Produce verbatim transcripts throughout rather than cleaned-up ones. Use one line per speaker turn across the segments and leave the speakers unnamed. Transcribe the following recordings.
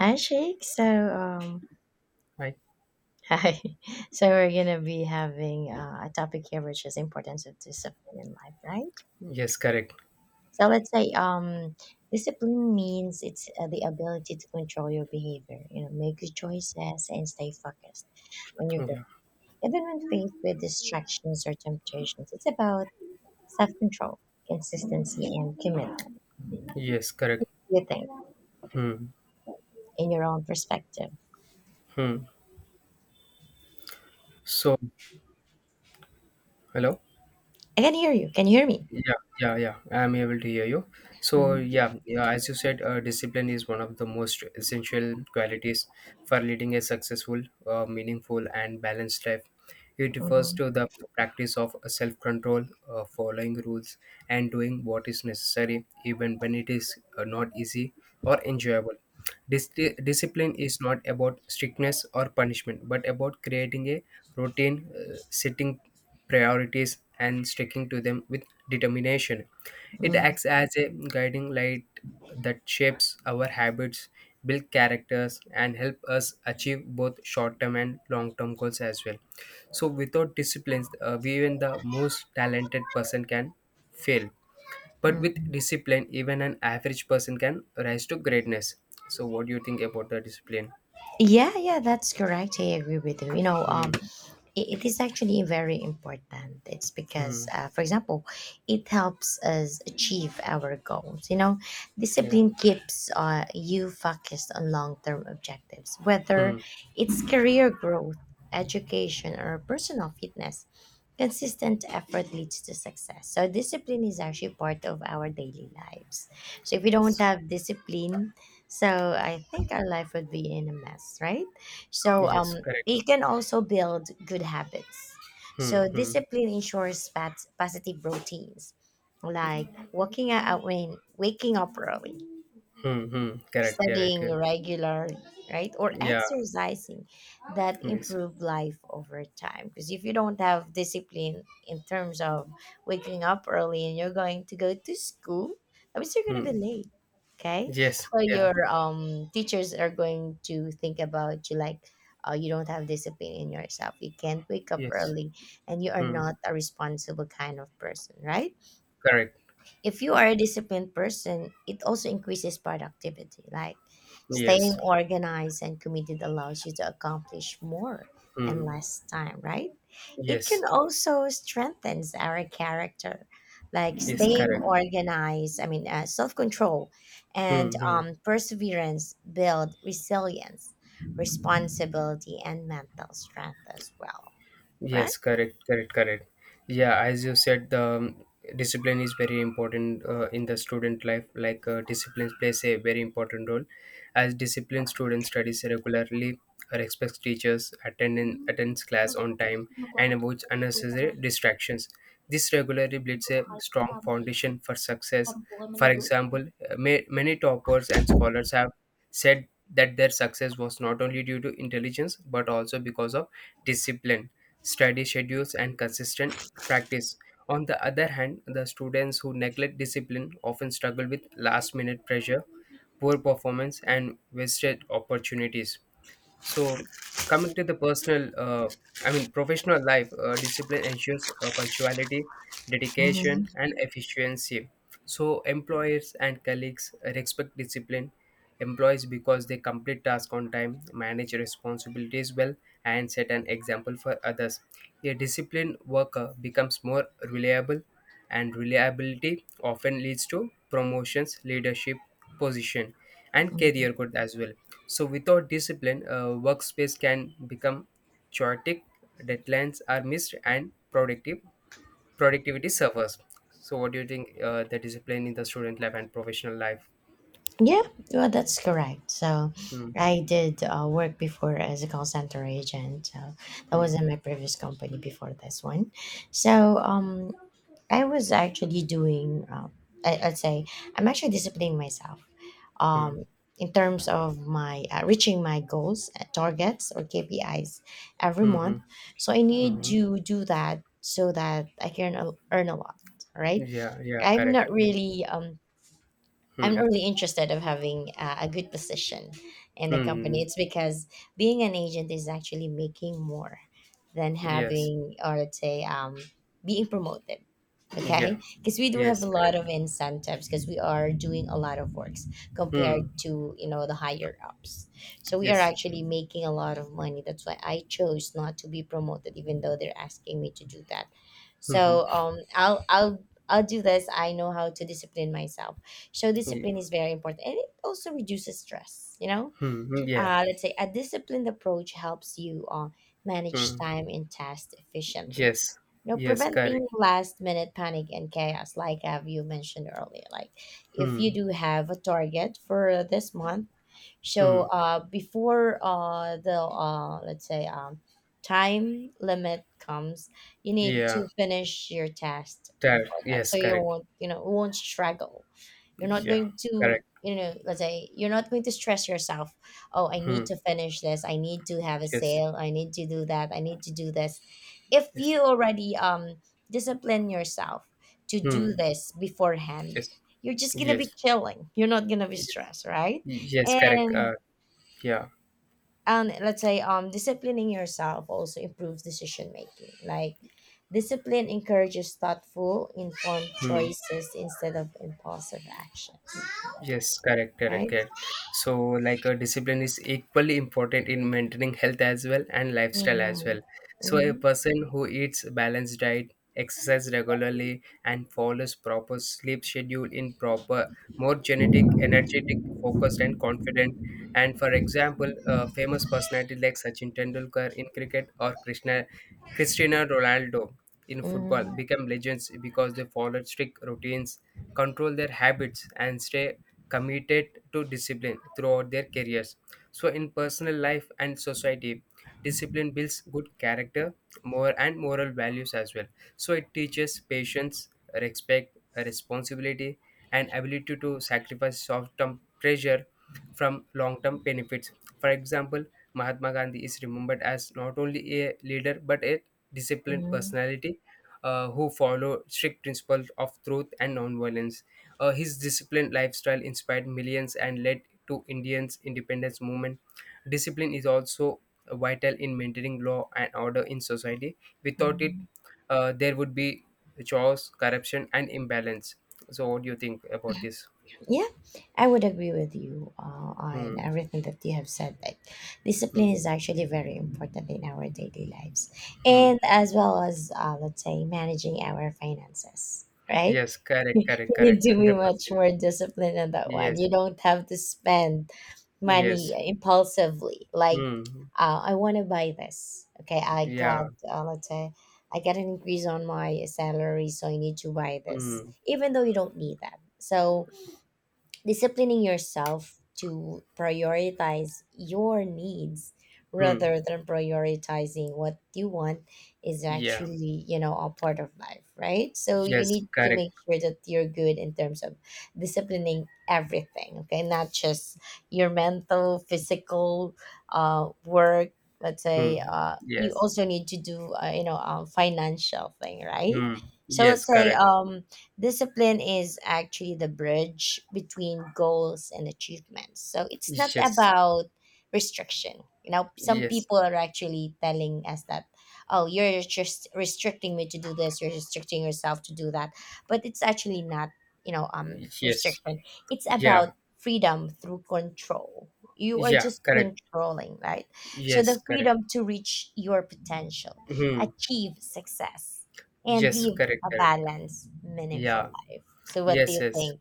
Hi, Sheikh. So, um,
Right.
hi. So we're gonna be having uh, a topic here, which is importance of discipline in life, right?
Yes, correct.
So let's say, um, discipline means it's uh, the ability to control your behavior. You know, make good choices and stay focused when you're good,
Yeah.
even when faced with distractions or temptations. It's about self-control, consistency, and commitment.
Yes, correct.
You think
Hmm.
in your own perspective.
Hmm. So, hello.
I can hear you. Can you hear me?
Yeah, yeah, yeah. I'm able to hear you. So,
Mm-hmm.
yeah, yeah. As you said, uh, discipline is one of the most essential qualities for leading a successful, uh, meaningful, and balanced life. It refers
Mm-hmm,
to the practice of self-control, uh, following rules, and doing what is necessary, even when it is uh, not easy or enjoyable. Dis- Discipline is not about strictness or punishment, but about creating a routine, uh, setting priorities, and sticking to them with determination. It acts as a guiding light that shapes our habits, build characters, and help us achieve both short-term and long-term goals as well. So, without disciplines, uh, even the most talented person can fail. But with
mm-hmm.
discipline, even an average person can rise to greatness. So, what do you think about the discipline?
Yeah, yeah, that's correct. I agree with you. You know, um,
Hmm.
i- it is actually very important. It's because,
Hmm.
uh, for example, it helps us achieve our goals. You know,
Yeah.
discipline keeps uh, you focused on long term objectives, whether
Hmm.
it's career growth, education, or personal fitness. Consistent effort leads to success. So, discipline is actually part of our daily lives. So, if we don't
Yes.
have discipline, so I think our life would be in a mess, right? So,
Yes.
um,
Correct.
you can also build good habits.
Hmm.
So
Hmm.
discipline ensures pat- positive routines, like waking up when waking up early,
Hmm. Hmm. Correct. Correct.
studying
Yeah.
regular, right, or
Yeah.
exercising, that
Yes.
improve life over time, because if you don't have discipline in terms of waking up early and you're going to go to school, that means you're going to be
Hmm.
late. Okay,
Yes.
so
Yeah.
your um teachers are going to think about you like, uh, you don't have discipline in yourself, you can't wake up
Yes.
early, and you are
Hmm.
not a responsible kind of person, right?
Correct.
If you are a disciplined person, it also increases productivity. Like staying
Yes.
organized and committed allows you to accomplish more in
Hmm.
less time, right? It can
Yes.
also strengthens our character. Like
Yes.
staying
Correct.
organized, I mean, uh, self control and
Hmm. Hmm.
um, perseverance build resilience, responsibility, and mental strength as well,
Yes,
correct?
correct, correct, correct. Yeah, as you said, the um, discipline is very important uh, in the student life. Like uh, discipline plays a very important role, as disciplined student studies regularly, respects teachers, attend attends class on time, and avoids unnecessary distractions. This regularly builds a strong foundation for success. For example, uh, ma- many toppers and scholars have said that their success was not only due to intelligence but also because of discipline study schedules, and consistent practice. On the other hand, the students who neglect discipline often struggle with last minute pressure, poor performance, and wasted opportunities. So, coming to the personal, uh, I mean, professional life, uh, discipline ensures uh, punctuality,
Mhm.
dedication, and efficiency. So, employers and colleagues respect discipline. Employees because they complete tasks on time, manage responsibilities well, and set an example for others. A disciplined worker becomes more reliable, and reliability often leads to promotions, leadership, position, and career growth as well. So, without discipline, a workspace can become chaotic, deadlines are missed, and productive productivity suffers. So, what do you think uh, the discipline in the student life and professional life?
Yeah, well, that's correct. So,
Hmm,
I did uh, work before as a call center agent. So that was
hmm,
in my previous company before this one. So, um, I was actually doing. Uh, I, I'd say I'm actually disciplining myself.
hmm,
Um, in terms of my uh, reaching my goals, uh, targets, or K P Is every
hmm,
month. So I
hmm,
need
hmm.
to do that so that I can earn a lot. Right?
Yeah, yeah,
I'm
correct.
not
Yeah.
really um I'm
Hmm,
not really interested of having uh, a good position in the company.
hmm.
It's because being an agent is actually making more than
Yes,
having, or let's say, um, being promoted.
yeah,
Okay, because we do have
yes,
a lot
correct.
of incentives because we are doing a lot of works
Hmm,
compared to, you know, the higher ups. So we are
yes.
actually making a lot of money. That's why I chose not to be promoted, even though they're asking me to do that.
Hmm, hmm,
So um, I'll I'll I'll do this. I know how to discipline myself, so
yeah.
discipline is very important, and it also reduces stress. You know,
Hmm, hmm, yeah.
uh, let's say a disciplined approach helps you uh, manage
Hmm.
time and tasks efficiently,
Yes,
you know,
yes,
preventing
correct.
last minute panic and chaos, like have you mentioned earlier. Like, if you
Hmm,
do have a target for this month, so
hmm,
uh, before uh, the uh, let's say, um, time limit comes, you need
yeah.
to finish your test before
Correct.
that,
Yes,
so you
correct.
won't, you know, won't struggle. You're not
Yeah,
going to,
correct.
you know, let's say, you're not going to stress yourself. Oh, I need
Hmm.
to finish this, I need to have a
Yes.
sale, I need to do that, I need to do this. If
Yes.
you already um discipline yourself to
Hmm.
do this beforehand,
Yes.
you're just gonna be
Yes.
chilling, you're not gonna be
Yes.
stressed, right?
Yes, correct. Uh,
and
yeah.
and let's say, um disciplining yourself also improves decision making. Like discipline encourages thoughtful informed
Hmm.
choices instead of impulsive actions,
Yes, correct, correct,
right?
correct. So, like, a discipline is equally important in maintaining health as well and lifestyle as
Mm-hmm.
well. So, a
Mm-hmm.
person who eats balanced diet, exercise regularly, and follows proper sleep schedule in proper, more genetic, energetic, focused, and confident. And for example, a famous personality like Sachin Tendulkar in cricket or Krishna, Cristiano Ronaldo in football
Mm-hmm.
become legends because they followed strict routines, control their habits, and stay committed to discipline throughout their careers. So, in personal life and society, discipline builds good character, more and moral values as well. So, it teaches patience, respect, responsibility, and ability to sacrifice short-term pleasure from long-term benefits. For example, Mahatma Gandhi is remembered as not only a leader but a disciplined
Mm-hmm.
personality uh, who followed strict principles of truth and nonviolence. Uh, his disciplined lifestyle inspired millions and led to Indians' independence movement. Discipline is also vital in maintaining law and order in society. Without it,
Mm-hmm.
uh, there would be chaos, corruption, and imbalance. So, what do you think about this?
Yeah, I would agree with you uh, on
Hmm.
everything that you have said. Like, discipline
Hmm.
is actually very important in our daily lives,
Hmm.
and as well as, uh, let's say, managing our finances. Right?
Yes. Correct.
You
Correct.
need
Correct.
to be
Hundred
much
percent.
more disciplined on that one.
Yes.
You don't have to spend money
Yes.
impulsively. Like,
Hmm.
uh, I want to buy this. Okay, I
Yeah.
got, uh, let's say, I got an increase on my salary, so I need to buy this,
Hmm.
even though you don't need that. So disciplining yourself to prioritize your needs
Hmm.
rather than prioritizing what you want is
Yeah.
actually, you know, a part of life, right? So you
Yes.
need to
Correct.
make sure that you're good in terms of disciplining everything. Okay, not just your mental, physical, uh work. Let's say,
Hmm.
uh you
Yes.
also need to do, uh, you know um, financial thing, right?
Hmm.
So
Yes.
let's say,
Correct.
um discipline is actually the bridge between goals and achievements. So it's not
Yes,
about restriction. You know, some
yes,
people are actually telling us that, oh, you're just restricting me to do this, you're restricting yourself to do that. But it's actually not, you know, um,
yes,
restriction. It's about
yeah,
freedom through control. You are
yeah,
just
correct.
controlling, right? So
Yes,
the
correct.
freedom to reach your potential,
Hmm.
achieve success, and
Yes,
live
correct,
a
correct.
balanced, meaningful
Yeah,
life. So, what do
yes,
you
yes,
think?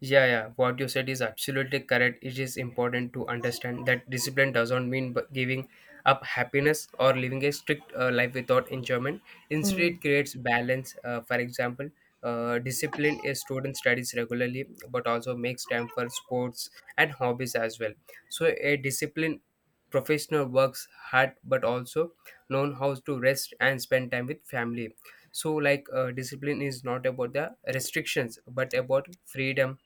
yeah, yeah, what you said is absolutely correct. It is important to understand that discipline doesn't mean b- giving up happiness or living a strict uh, life without enjoyment. Instead,
Mm,
it creates balance. Uh, for example, uh, discipline a student studies regularly but also makes time for sports and hobbies as well. So, a disciplined professional works hard but also known how to rest and spend time with family. So like uh, discipline is not about the restrictions but about freedom,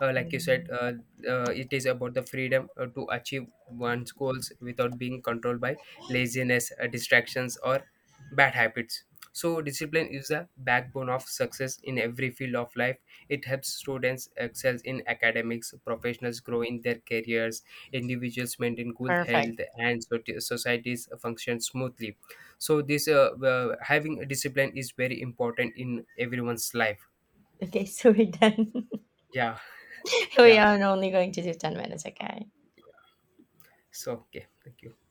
uh, like you said
mhm.
uh, uh, it is about the freedom uh, to achieve one's goals without being controlled by laziness, uh, distractions, or bad habits. So discipline is the backbone of success in every field of life. It helps students excel in academics, professionals grow in their careers, individuals maintain good
Perfect.
health, and so- societies function smoothly. So this, uh, uh, having discipline is very important in everyone's life.
Okay, so we're done.
Yeah.
We
Yeah.
are only going to do ten minutes, okay?
So okay, thank you.